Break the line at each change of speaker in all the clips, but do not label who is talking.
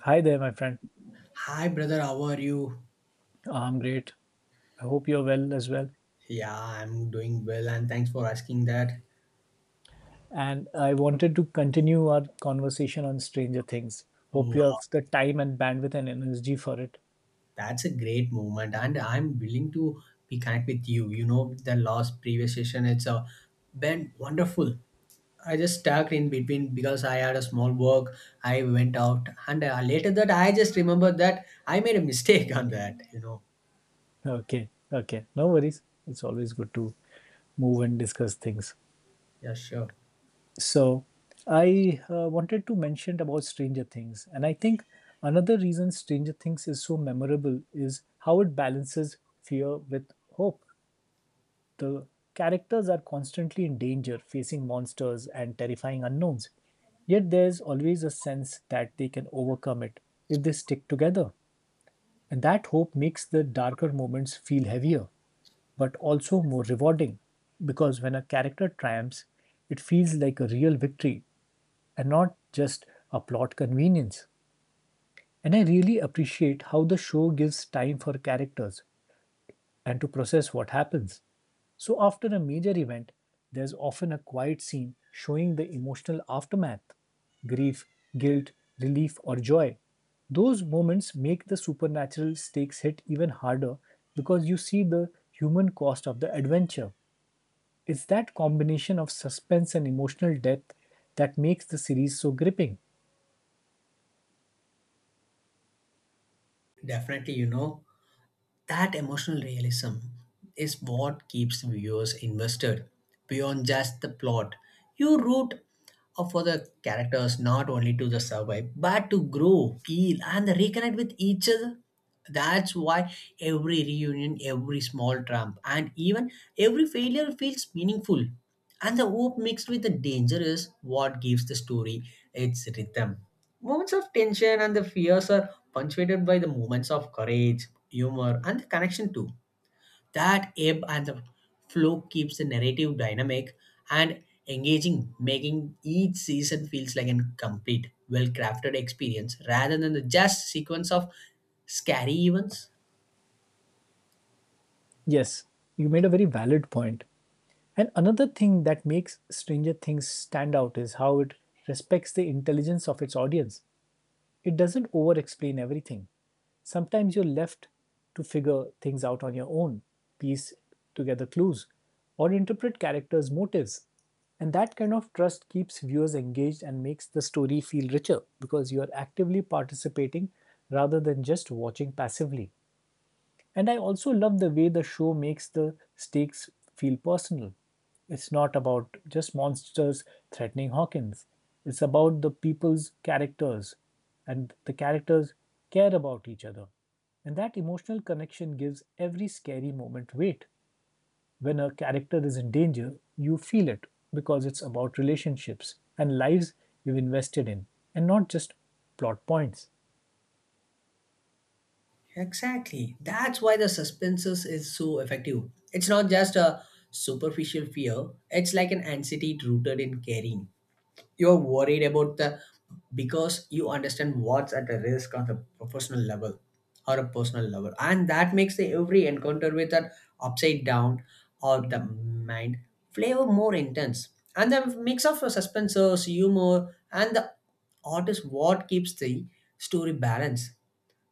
Hi there, my friend.
Hi, brother. How are you?
I'm great. I hope you're well as well.
Yeah, I'm doing well, and thanks for asking that.
And I wanted to continue our conversation on Stranger Things.
Oh,
Hope you have the time and bandwidth and energy for it.
that's a great moment, and I'm willing to be connect with you. You know, the last previous session, it's a been wonderful. I just stuck in between because I had a small work. I went out, and later that I just remembered that I made a mistake on that. You know,
Okay, okay. No worries. It's always good to move and discuss things.
yeah, sure,
So, I wanted to mention about Stranger Things. And I think another reason Stranger Things is so memorable is how it balances fear with hope. The characters are constantly in danger, facing monsters and terrifying unknowns. Yet there's always a sense that they can overcome it if they stick together. And that hope makes the darker moments feel heavier, but also more rewarding. Because when a character triumphs, it feels like a real victory and not just a plot convenience. And I really appreciate how the show gives time for characters and to process what happens. So, after a major event, there's often a quiet scene showing the emotional aftermath grief, guilt, relief, or joy. Those moments make the supernatural stakes hit even harder because you see the human cost of the adventure. It's that combination of suspense and emotional depth that makes the series so gripping.
definitely. You know. That emotional realism is what keeps viewers invested beyond just the plot. You root for the characters not only to the survive but to grow, feel, and reconnect with each other. That's why every reunion, every small trump, and even every failure feels meaningful. And the hope mixed with the danger is what gives the story its rhythm. Moments of tension and the fears are punctuated by the moments of courage, humor, and the connection too. That ebb and the flow keeps the narrative dynamic and engaging, making each season feels like a complete, well-crafted experience rather than the just sequence of scary events.
Yes, you made a very valid point. And another thing that makes Stranger Things stand out is how it respects the intelligence of its audience. It doesn't over explain everything. Sometimes you're left to figure things out on your own, piece together clues, or interpret characters' motives. And that kind of trust keeps viewers engaged and makes the story feel richer because you are actively participating rather than just watching passively. And I also love the way the show makes the stakes feel personal. It's not about just monsters threatening Hawkins, it's about the people's characters, and the characters care about each other. And that emotional connection gives every scary moment weight. When a character is in danger, you feel it because it's about relationships and lives you've invested in, and not just plot points.
Exactly. That's why the suspenses is so effective. It's not just a superficial fear, it's like an anxiety rooted in caring. You're worried about the because you understand what's at a risk on the professional level or a personal level. And that makes the every encounter with an upside down or the mind flavor more intense. And the mix of suspenses, humor, and the art is what keeps the story balanced.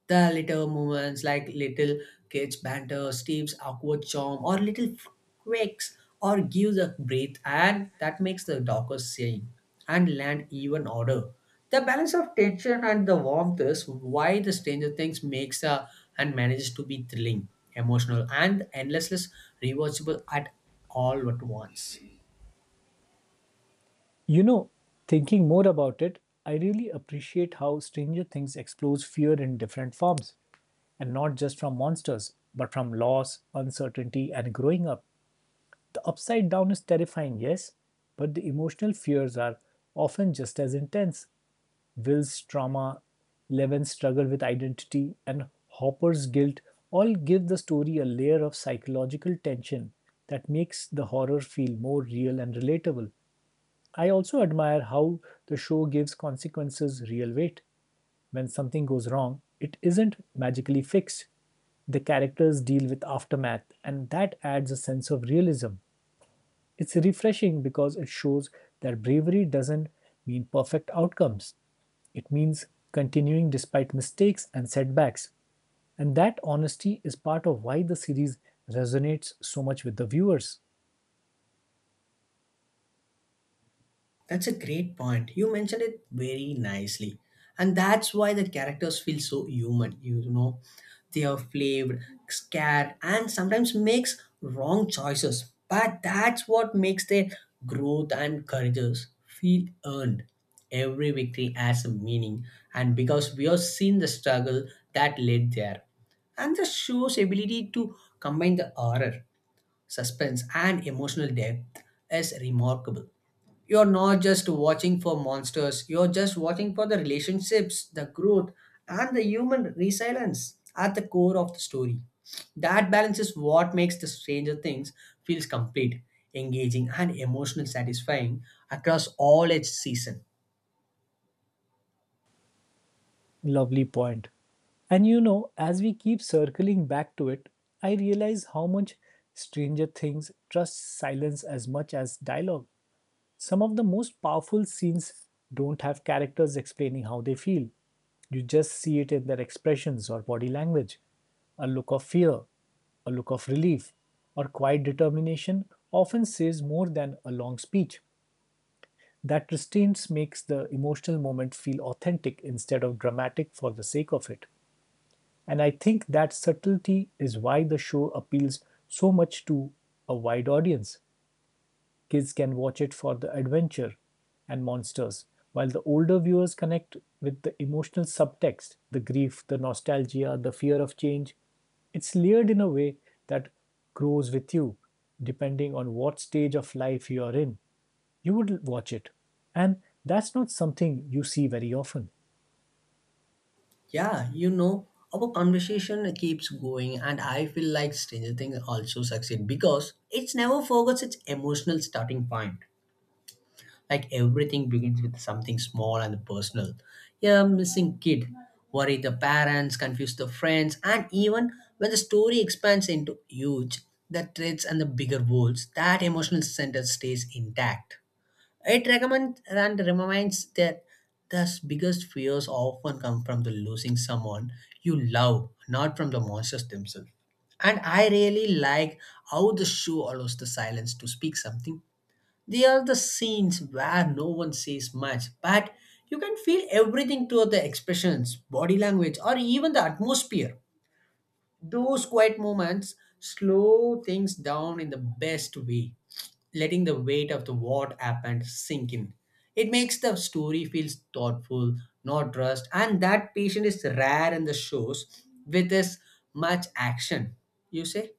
The little moments like little kids banter, Steve's awkward charm, or little quakes, or gives a breath, and that makes the darker scene and land even odder. The balance of tension and the warmth is why the Stranger Things makes a, and manages to be thrilling, emotional, and endlessly rewatchable at all at once.
You know, thinking more about it, I really appreciate how Stranger Things explores fear in different forms, and not just from monsters, but from loss, uncertainty, and growing up. The upside down is terrifying, yes, but the emotional fears are often just as intense. Will's trauma, Eleven's struggle with identity, and Hopper's guilt all give the story a layer of psychological tension that makes the horror feel more real and relatable. I also admire how the show gives consequences real weight. When something goes wrong, it isn't magically fixed. The characters deal with aftermath, and that adds a sense of realism. It's refreshing because it shows that bravery doesn't mean perfect outcomes, it means continuing despite mistakes and setbacks. And that honesty is part of why the series resonates so much with the viewers.
That's a great point. You mentioned it very nicely. And that's why the characters feel so human, you know. They are flaved, scared, and sometimes makes wrong choices. But that's what makes their growth and courages feel earned. Every victory has a meaning, and because we have seen the struggle that led there. And the show's ability to combine the horror, suspense, and emotional depth is remarkable. You're not just watching for monsters, you're just watching for the relationships, the growth, and the human resilience at the core of the story. That balance is what makes the Stranger Things feels complete, engaging, and emotionally satisfying across all its season.
Lovely point. And you know, as we keep circling back to it, I realize how much Stranger Things trusts silence as much as dialogue. Some of the most powerful scenes don't have characters explaining how they feel. You just see it in their expressions or body language a look of fear, a look of relief, or quiet determination often says more than a long speech. That restraint makes the emotional moment feel authentic instead of dramatic for the sake of it. And I think that subtlety is why the show appeals so much to a wide audience. Kids can watch it for the adventure and monsters, while the older viewers connect with the emotional subtext, the grief, the nostalgia, the fear of change. It's layered in a way that grows with you, depending on what stage of life you are in. You would watch it. And that's not something you see very often.
Yeah, you know, our conversation keeps going and I feel like Stranger Things also succeed because it never forgets its emotional starting point. Like everything begins with something small and personal. A missing kid, worry the parents, confuse the friends, and even when the story expands into huge, the threads and the bigger worlds, that emotional center stays intact. It recommends and reminds that the biggest fears often come from the losing someone you love, not from the monsters themselves. And I really like how the show allows the silence to speak something. They are the scenes where no one says much, but you can feel everything through the expressions, body language, or even the atmosphere. Those quiet moments slow things down in the best way, letting the weight of the what happened sink in. It makes the story feels thoughtful, not rushed, and that patient is rare in the shows with as much action. You say?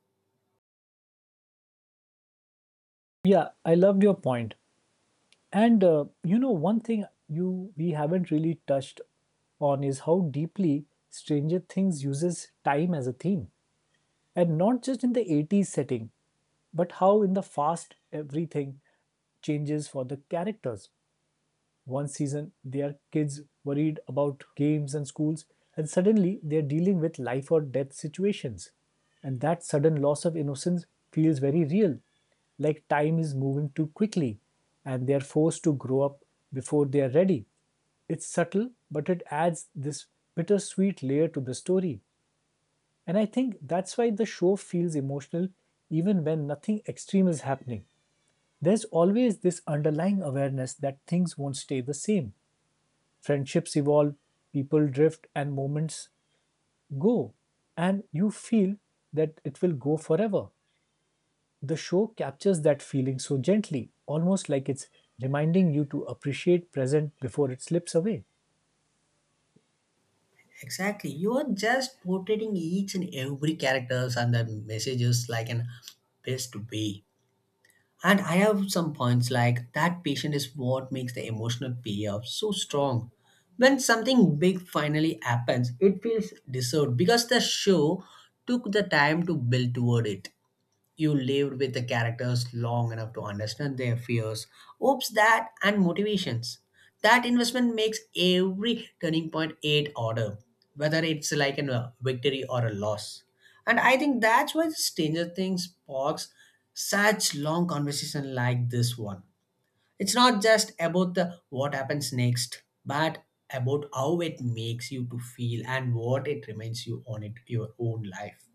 Yeah, I loved your point. And you know, one thing you we haven't really touched on is how deeply Stranger Things uses time as a theme, and not just in the 80s setting, but how in the fast everything changes for the characters one season their kids worried about games and schools and suddenly they're dealing with life or death situations and that sudden loss of innocence feels very real, like time is moving too quickly and they're forced to grow up before they're ready. It's subtle but it adds this bittersweet layer to the story, and I think that's why the show feels emotional even when nothing extreme is happening. There's always this underlying awareness that things won't stay the same. Friendships evolve, people drift, and moments go. And you feel that it will go forever. The show captures that feeling so gently, almost like it's reminding you to appreciate present before it slips away.
Exactly. You are just portraying each and every characters and the messages like an best way. And I have some points like that patient is what makes the emotional payoff so strong. When something big finally happens, it feels deserved because the show took the time to build toward it. You lived with the characters long enough to understand their fears, hopes that and motivations. That investment makes every turning point eight order, whether it's like a victory or a loss. And I think that's why Stranger Things sparks such long conversation like this one. It's not just about the what happens next, but about how it makes you to feel and what it reminds you on it your own life.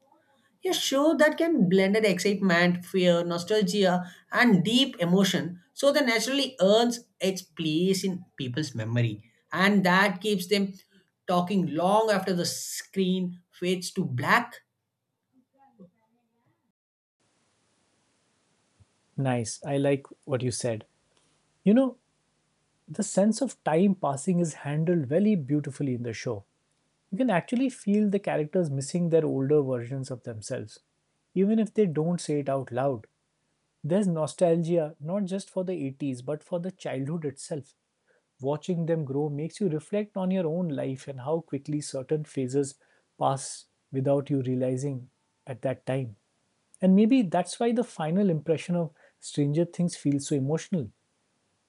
A show that can blend in excitement, fear, nostalgia, and deep emotion, so that naturally earns its place in people's memory. And that keeps them talking long after the screen fades to black.
Nice. I like what you said. You know, the sense of time passing is handled very beautifully in the show. You can actually feel the characters missing their older versions of themselves, even if they don't say it out loud. There's nostalgia, not just for the 80s, but for the childhood itself. Watching them grow makes you reflect on your own life and how quickly certain phases pass without you realizing at that time. And maybe that's why the final impression of Stranger Things feels so emotional.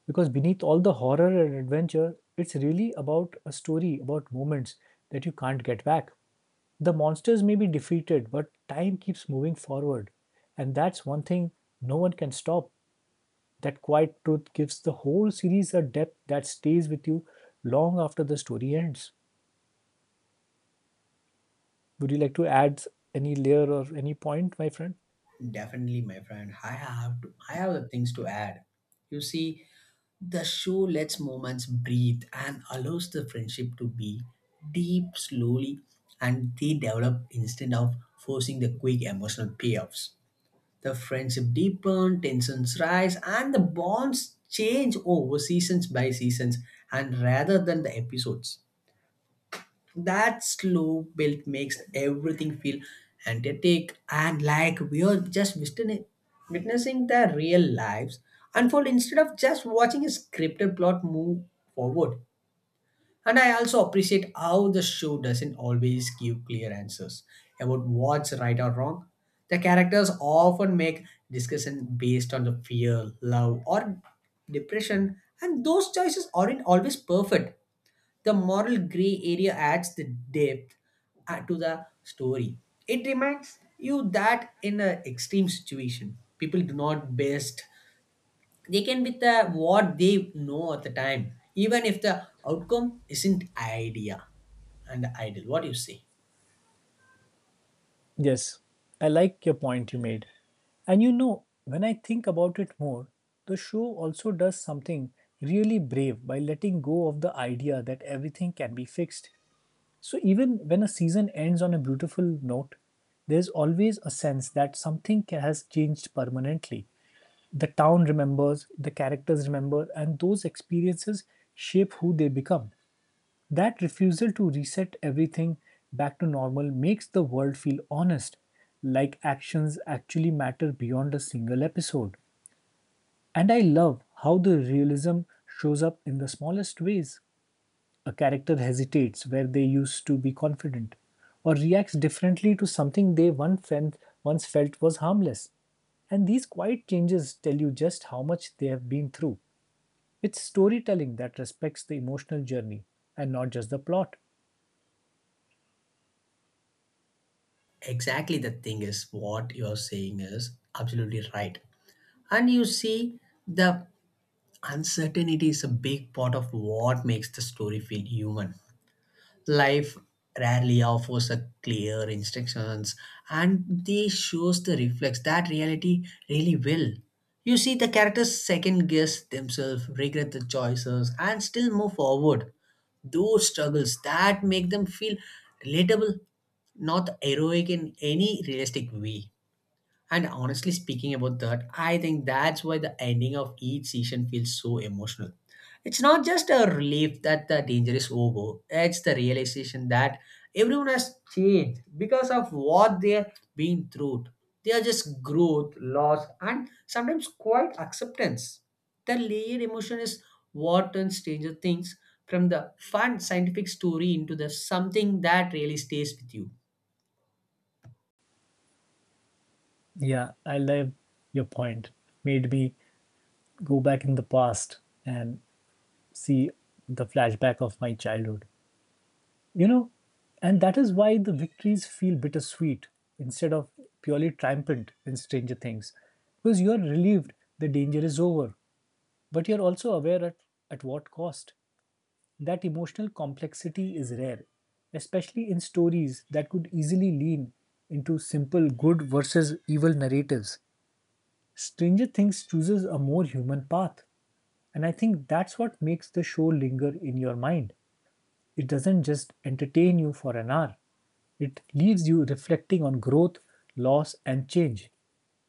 Because beneath all the horror and adventure, it's really about a story about moments that you can't get back. The monsters may be defeated, but time keeps moving forward. And that's one thing no one can stop. That quiet truth gives the whole series a depth that stays with you long after the story ends. Would you like to add any layer or any point, my friend?
Definitely, my friend. I have things to add. You see, the show lets moments breathe and allows the friendship to be deep slowly and they develop instead of forcing the quick emotional payoffs. The friendship deepen, tensions rise, and the bonds change over seasons by seasons and rather than the episodes. That slow build makes everything feel energetic and like we are just witnessing their real lives unfold instead of just watching a scripted plot move forward. And I also appreciate how the show doesn't always give clear answers about what's right or wrong. The characters often make discussion based on the fear, love, or depression, and those choices aren't always perfect. The moral gray area adds the depth to the story. It reminds you that in an extreme situation, people do not best they can with the what they know at the time, even if the outcome isn't idea and ideal. What do you say?
Yes, I like your point you made. And you know, when I think about it more, the show also does something really brave by letting go of the idea that everything can be fixed. So even when a season ends on a beautiful note, there's always a sense that has changed permanently. The town remembers, the characters remember, and those experiences shape who they become. That refusal to reset everything back to normal makes the world feel honest, like actions actually matter beyond a single episode. And I love how the realism shows up in the smallest ways. A character hesitates where they used to be confident, or reacts differently to something once felt was harmless. And these quiet changes tell you just how much they have been through. It's storytelling that respects the emotional journey and not just the plot.
Exactly, the thing is what you're saying is absolutely right. And you see, the uncertainty is a big part of what makes the story feel human. Life rarely offers a clear instructions and this shows the reflex that reality really will. You see the characters second guess themselves, regret the choices and still move forward. Those struggles that make them feel relatable, not heroic in any realistic way. And honestly speaking about that, I think that's why the ending of each season feels so emotional. It's not just a relief that the danger is over, it's the realization that everyone has changed because of what they've been through. They are just growth, loss, and sometimes quite acceptance. The layered emotion is what turns Stranger Things from the fun scientific story into the something that really stays with you.
Yeah, I love your point. Made me go back in the past and see the flashback of my childhood. You know, and that is why the victories feel bittersweet instead of purely triumphant in Stranger Things. Because you are relieved the danger is over, but you're also aware at what cost. That emotional complexity is rare, especially in stories that could easily lean into simple good versus evil narratives. Stranger Things chooses a more human path. And I think that's what makes the show linger in your mind. It doesn't just entertain you for an hour, it leaves you reflecting on growth, loss, and change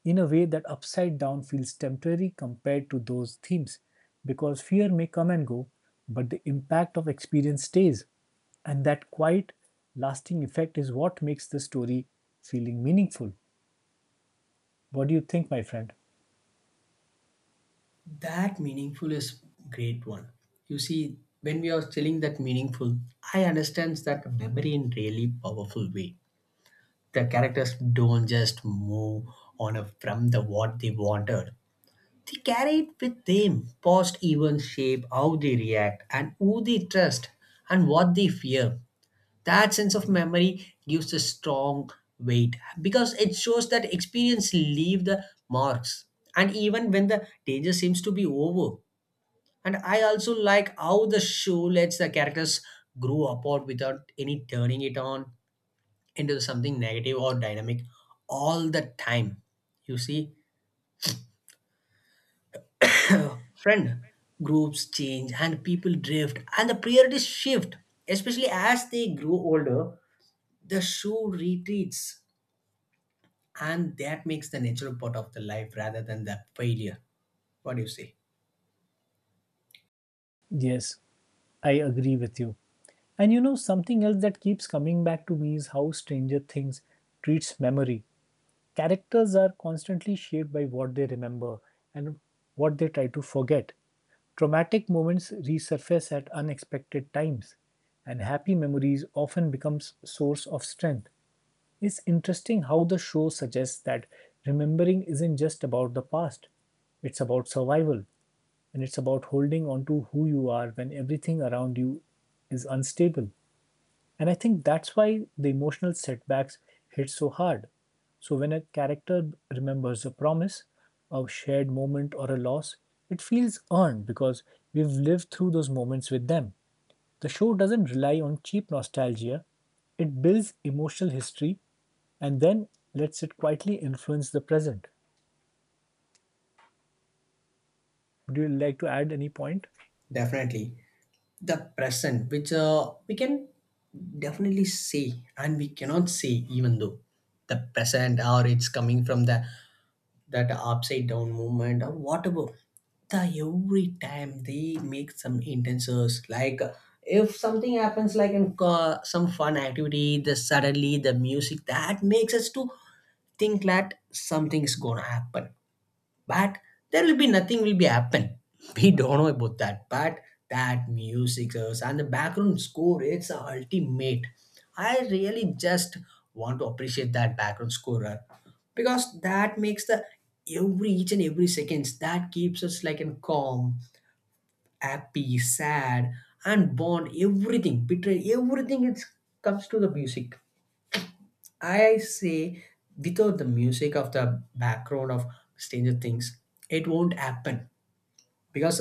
in a way that Upside Down feels temporary compared to those themes because fear may come and go, but the impact of experience stays. And that quiet, lasting effect is what makes the story feeling meaningful. What do you think, my friend?
That meaningful is great one. You see, when we are telling that meaningful, I understand that memory in really powerful way. The characters don't just move on a, from the what they wanted. They carry it with them. Past events shape how they react and who they trust and what they fear. That sense of memory gives a strong weight because it shows that experience leave the marks. And even when the danger seems to be over, and I also like how the show lets the characters grow apart without any turning it on into something negative or dynamic all the time. You see, friend groups change and people drift and the priorities shift, especially as they grow older. The show retreats, and that makes the natural part of the life rather than the failure. What do you say?
Yes, I agree with you. And you know, something else that keeps coming back to me is how Stranger Things treats memory. Characters are constantly shaped by what they remember and what they try to forget. Traumatic moments resurface at unexpected times, and happy memories often become source of strength. It's interesting how the show suggests that remembering isn't just about the past, it's about survival, and it's about holding on to who you are when everything around you is unstable. And I think that's why the emotional setbacks hit so hard. So, when a character remembers a promise, a shared moment, or a loss, it feels earned because we've lived through those moments with them. The show doesn't rely on cheap nostalgia, it builds emotional history and then lets it quietly influence the present. Would you like to add any point?
Definitely, the present, which we can definitely say and we cannot say, even though the present or it's coming from the that upside down movement or whatever, the every time they make some intentions like if something happens like in some fun activity, the suddenly the music that makes us to think that something's gonna happen, but there will be nothing will be happen we don't know about that. But that and the background score, it's ultimate. I really just want to appreciate that background score, because that makes the every each and every seconds that keeps us like in calm, happy, sad, and bond everything, betray everything, it comes to the music. I say without the music of the background of Stranger Things, it won't happen. Because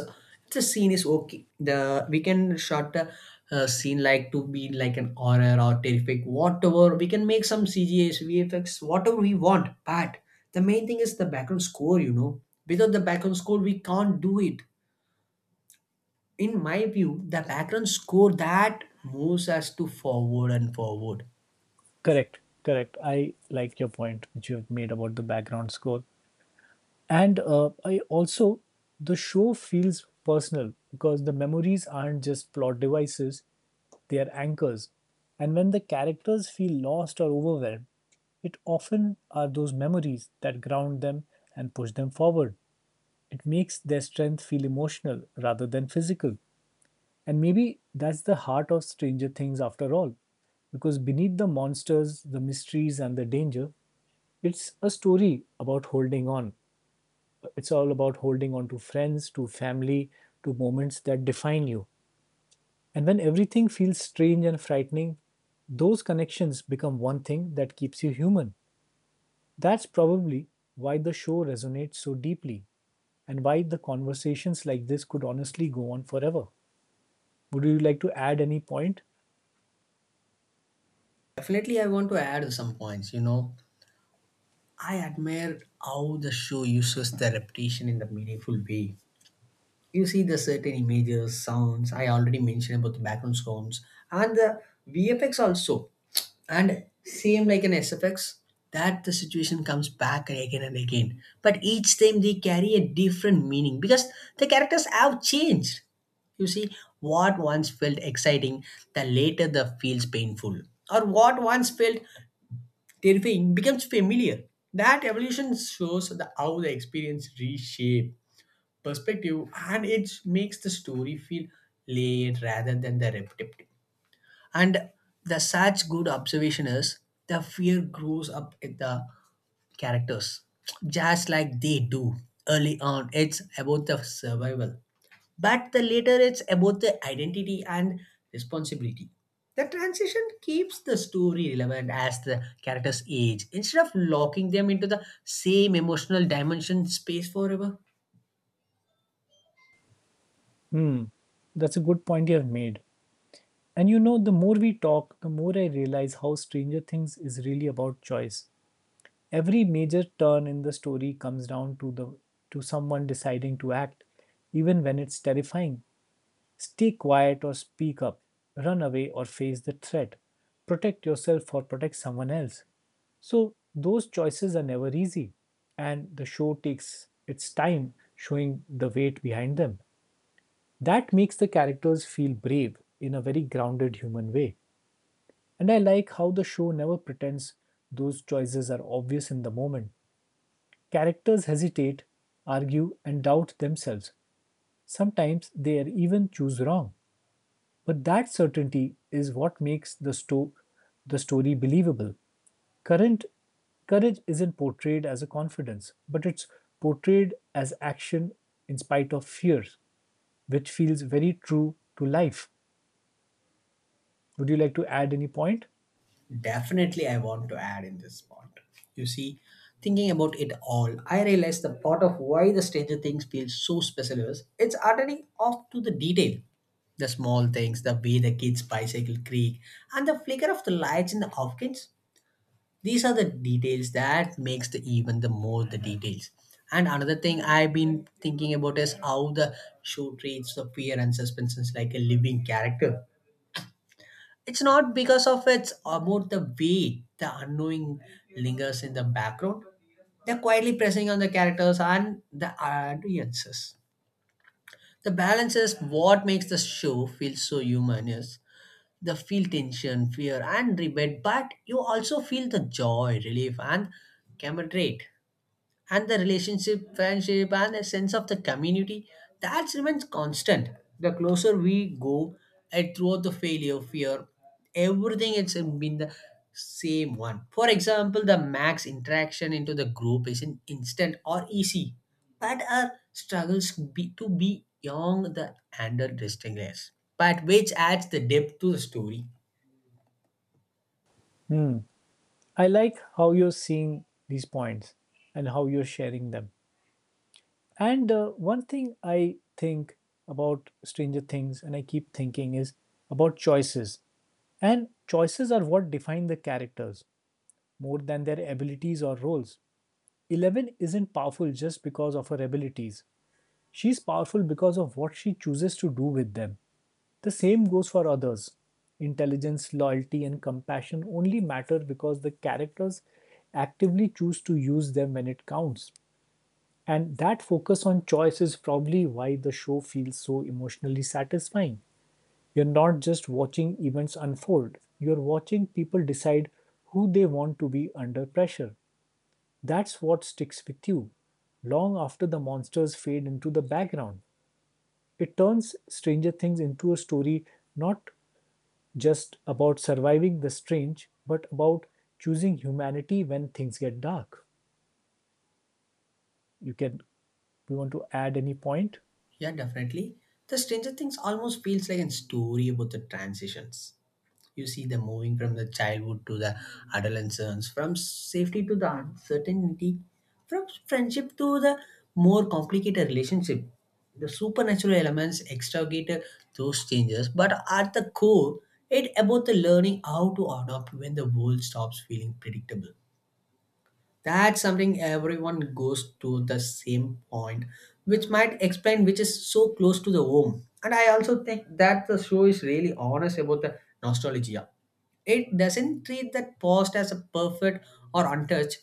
the scene is okay, the we can shot a scene like to be like an horror or terrific whatever, we can make some cgs vfx whatever we want, but the main thing is the background score, you know. Without the background score, we can't do it. In my view, the background score that moves us to forward and forward.
Correct, correct. I like your point which you have made about the background score. And I also, the show feels personal because the memories aren't just plot devices, they are anchors. And when the characters feel lost or overwhelmed, it often are those memories that ground them and push them forward. It makes their strength feel emotional rather than physical. And maybe that's the heart of Stranger Things after all, because beneath the monsters, the mysteries, and the danger, it's a story about holding on. It's all about holding on to friends, to family, to moments that define you. And when everything feels strange and frightening, those connections become one thing that keeps you human. That's probably why the show resonates so deeply and why the conversations like this could honestly go on forever. Would you like to add any point?
Definitely, I want to add some points, you know. I admire how the show uses the repetition in the meaningful way. You see the certain images, sounds. I already mentioned about the background sounds and the VFX also. And same like an SFX, that the situation comes back again and again. But each time they carry a different meaning because the characters have changed. You see, what once felt exciting, the later the feels painful. Or what once felt terrifying becomes familiar. That evolution shows how the experience reshape perspective, and it makes the story feel layered rather than the repetitive. And the such good observation is the fear grows up in the characters, just like they do. Early on it's about the survival, but the later it's about the identity and responsibility. The transition keeps the story relevant as the characters age instead of locking them into the same emotional dimension space forever.
Hmm, that's a good point you have made. And you know, the more we talk, the more I realize how Stranger Things is really about choice. Every major turn in the story comes down to the to someone deciding to act, even when it's terrifying. Stay quiet or speak up, run away or face the threat, protect yourself or protect someone else. So those choices are never easy, and the show takes its time showing the weight behind them. That makes the characters feel brave in a very grounded human way. And I like how the show never pretends those choices are obvious in the moment. Characters hesitate, argue, and doubt themselves. Sometimes they even choose wrong. But that certainty is what makes the story believable. Current Courage isn't portrayed as a confidence, but it's portrayed as action in spite of fear, which feels very true to life. Would you like to add any point?
Definitely, I want to add in this part. You see, thinking about it all, I realized the part of why the Stranger Things feels so special is it's already off to the detail. The small things, the way the kids bicycle creak, and the flicker of the lights in the Hopkins. These are the details that makes the even the more the details. And another thing I've been thinking about is how the show treats the fear and suspense is like a living character. It's not because of its about the way the unknowing lingers in the background. They're quietly pressing on the characters and the audiences. The balance is what makes the show feel so human is the feel tension, fear, and rebate, but you also feel the joy, relief, and camaraderie, and the relationship, friendship, and a sense of the community that remains constant. The closer we go, and throughout the failure, fear, everything it's been the same one. For example, the max interaction into the group is an instant or easy, but our struggles to be young the under distinctness, but which adds the depth to the story.
Hmm. I like how you're seeing these points and how you're sharing them. And one thing I think about Stranger Things and I keep thinking is about choices. And choices are what define the characters more than their abilities or roles. Eleven isn't powerful just because of her abilities. She's powerful because of what she chooses to do with them. The same goes for others. Intelligence, loyalty, and compassion only matter because the characters actively choose to use them when it counts. And that focus on choice is probably why the show feels so emotionally satisfying. You're not just watching events unfold, you're watching people decide who they want to be under pressure. That's what sticks with you long after the monsters fade into the background. It turns Stranger Things into a story not just about surviving the strange, but about choosing humanity when things get dark. You can you want to add any point?
Yeah, definitely. The Stranger Things almost feels like a story about the transitions. You see them moving from the childhood to the adolescence, from safety to the uncertainty, from friendship to the more complicated relationship. The supernatural elements extricate those changes, but at the core, it about the learning how to adapt when the world stops feeling predictable. That's something everyone goes to the same point, which might explain which is so close to the home. And I also think that the show is really honest about the nostalgia. It doesn't treat that past as a perfect or untouched.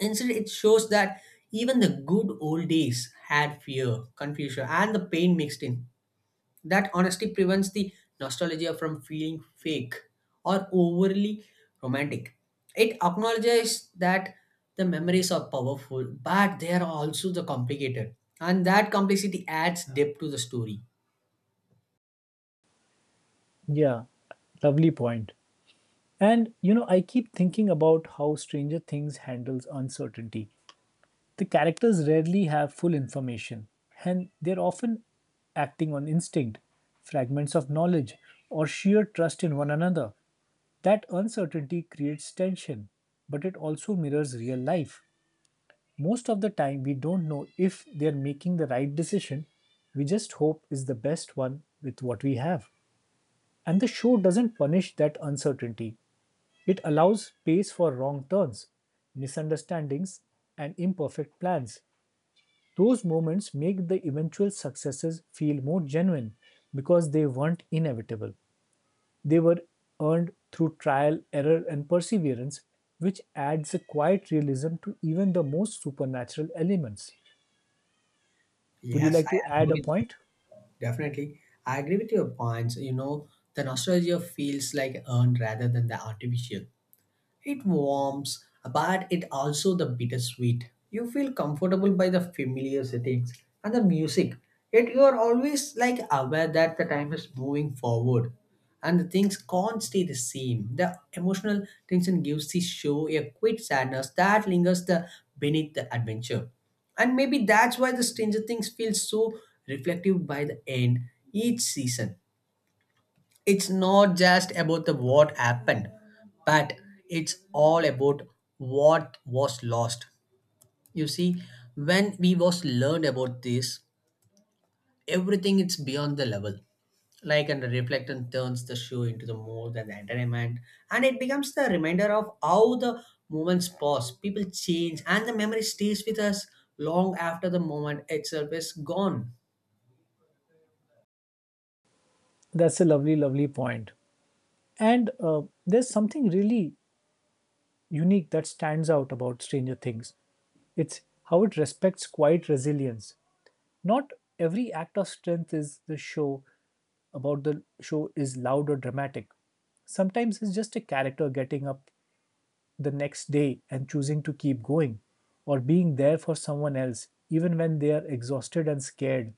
Instead, it shows that even the good old days had fear, confusion, and the pain mixed in. That honesty prevents the nostalgia from feeling fake or overly romantic. It acknowledges that the memories are powerful, but they are also the complicated, and that complexity adds depth to the story.
Yeah, lovely point. And you know, I keep thinking about how Stranger Things handles uncertainty. The characters rarely have full information, and they're often acting on instinct, fragments of knowledge, or sheer trust in one another. That uncertainty creates tension, but it also mirrors real life. Most of the time, we don't know if they're making the right decision. We just hope is the best one with what we have. And the show doesn't punish that uncertainty. It allows space for wrong turns, misunderstandings, and imperfect plans. Those moments make the eventual successes feel more genuine because they weren't inevitable. They were earned through trial, error, and perseverance, which adds a quiet realism to even the most supernatural elements. Would you
Yes,
like
I
to add a
agree with
point?
you. Definitely, I agree with your points. You know, the nostalgia feels like earned rather than the artificial. It warms, but it also the bittersweet. You feel comfortable by the familiar settings and the music, yet you are always like aware that the time is moving forward and the things can't stay the same. The emotional tension gives the show a quick sadness that lingers the beneath the adventure. And maybe that's why the Stranger Things feels so reflective. By the end each season, it's not just about the what happened, but it's all about what was lost. You see, when we was learned about this, everything it's beyond the level. Like, and the reflectant turns the show into the more than the entertainment, and it becomes the reminder of how the moments pass, people change, and the memory stays with us long after the moment itself is gone.
That's a lovely, lovely point. And there's something really unique that stands out about Stranger Things. It's how it respects quiet resilience. Not every act of strength is the show about the show is loud or dramatic. Sometimes it's just a character getting up the next day and choosing to keep going, or being there for someone else even when they are exhausted and scared.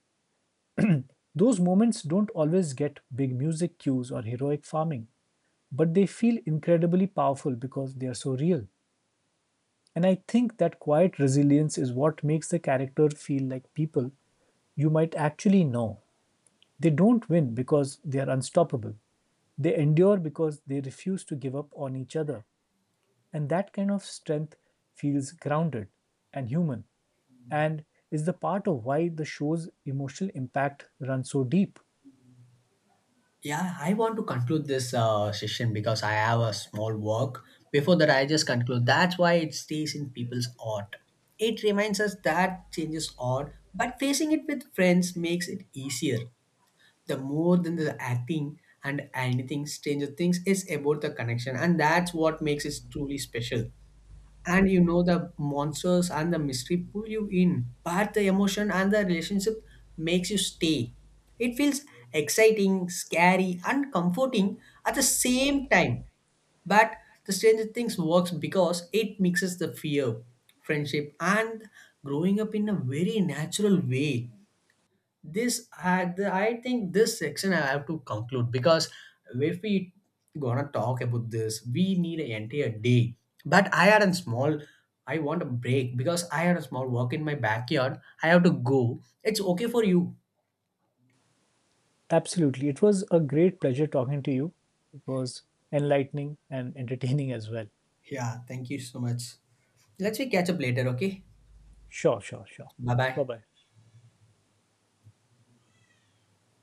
Those moments don't always get big music cues or heroic farming, but they feel incredibly powerful because they are so real. And I think that quiet resilience is what makes the character feel like people you might actually know. They don't win because they are unstoppable. They endure because they refuse to give up on each other. And that kind of strength feels grounded and human and is the part of why the show's emotional impact runs so deep.
Yeah, I want to conclude this session because I have a small work. Before that, I just conclude. That's why it stays in people's art. It reminds us that changes odd, but facing it with friends makes it easier. The more than the acting and anything, Stranger Things is about the connection, and that's what makes it truly special. And you know the monsters and the mystery pull you in, but the emotion and the relationship makes you stay. It feels exciting, scary, and comforting at the same time. But the stranger things works because it mixes the fear, friendship, and growing up in a very natural way. This I think this section I have to conclude because if we gonna talk about this we need an entire day. But I had a small, I want a break because I had a small work in my backyard, I have to go. It's okay for you?
Absolutely. It was a great pleasure talking to you. It was enlightening and entertaining as well.
Yeah, thank you so much. Let's we catch up later, okay?
Sure, sure, sure.
Bye bye.
Bye bye.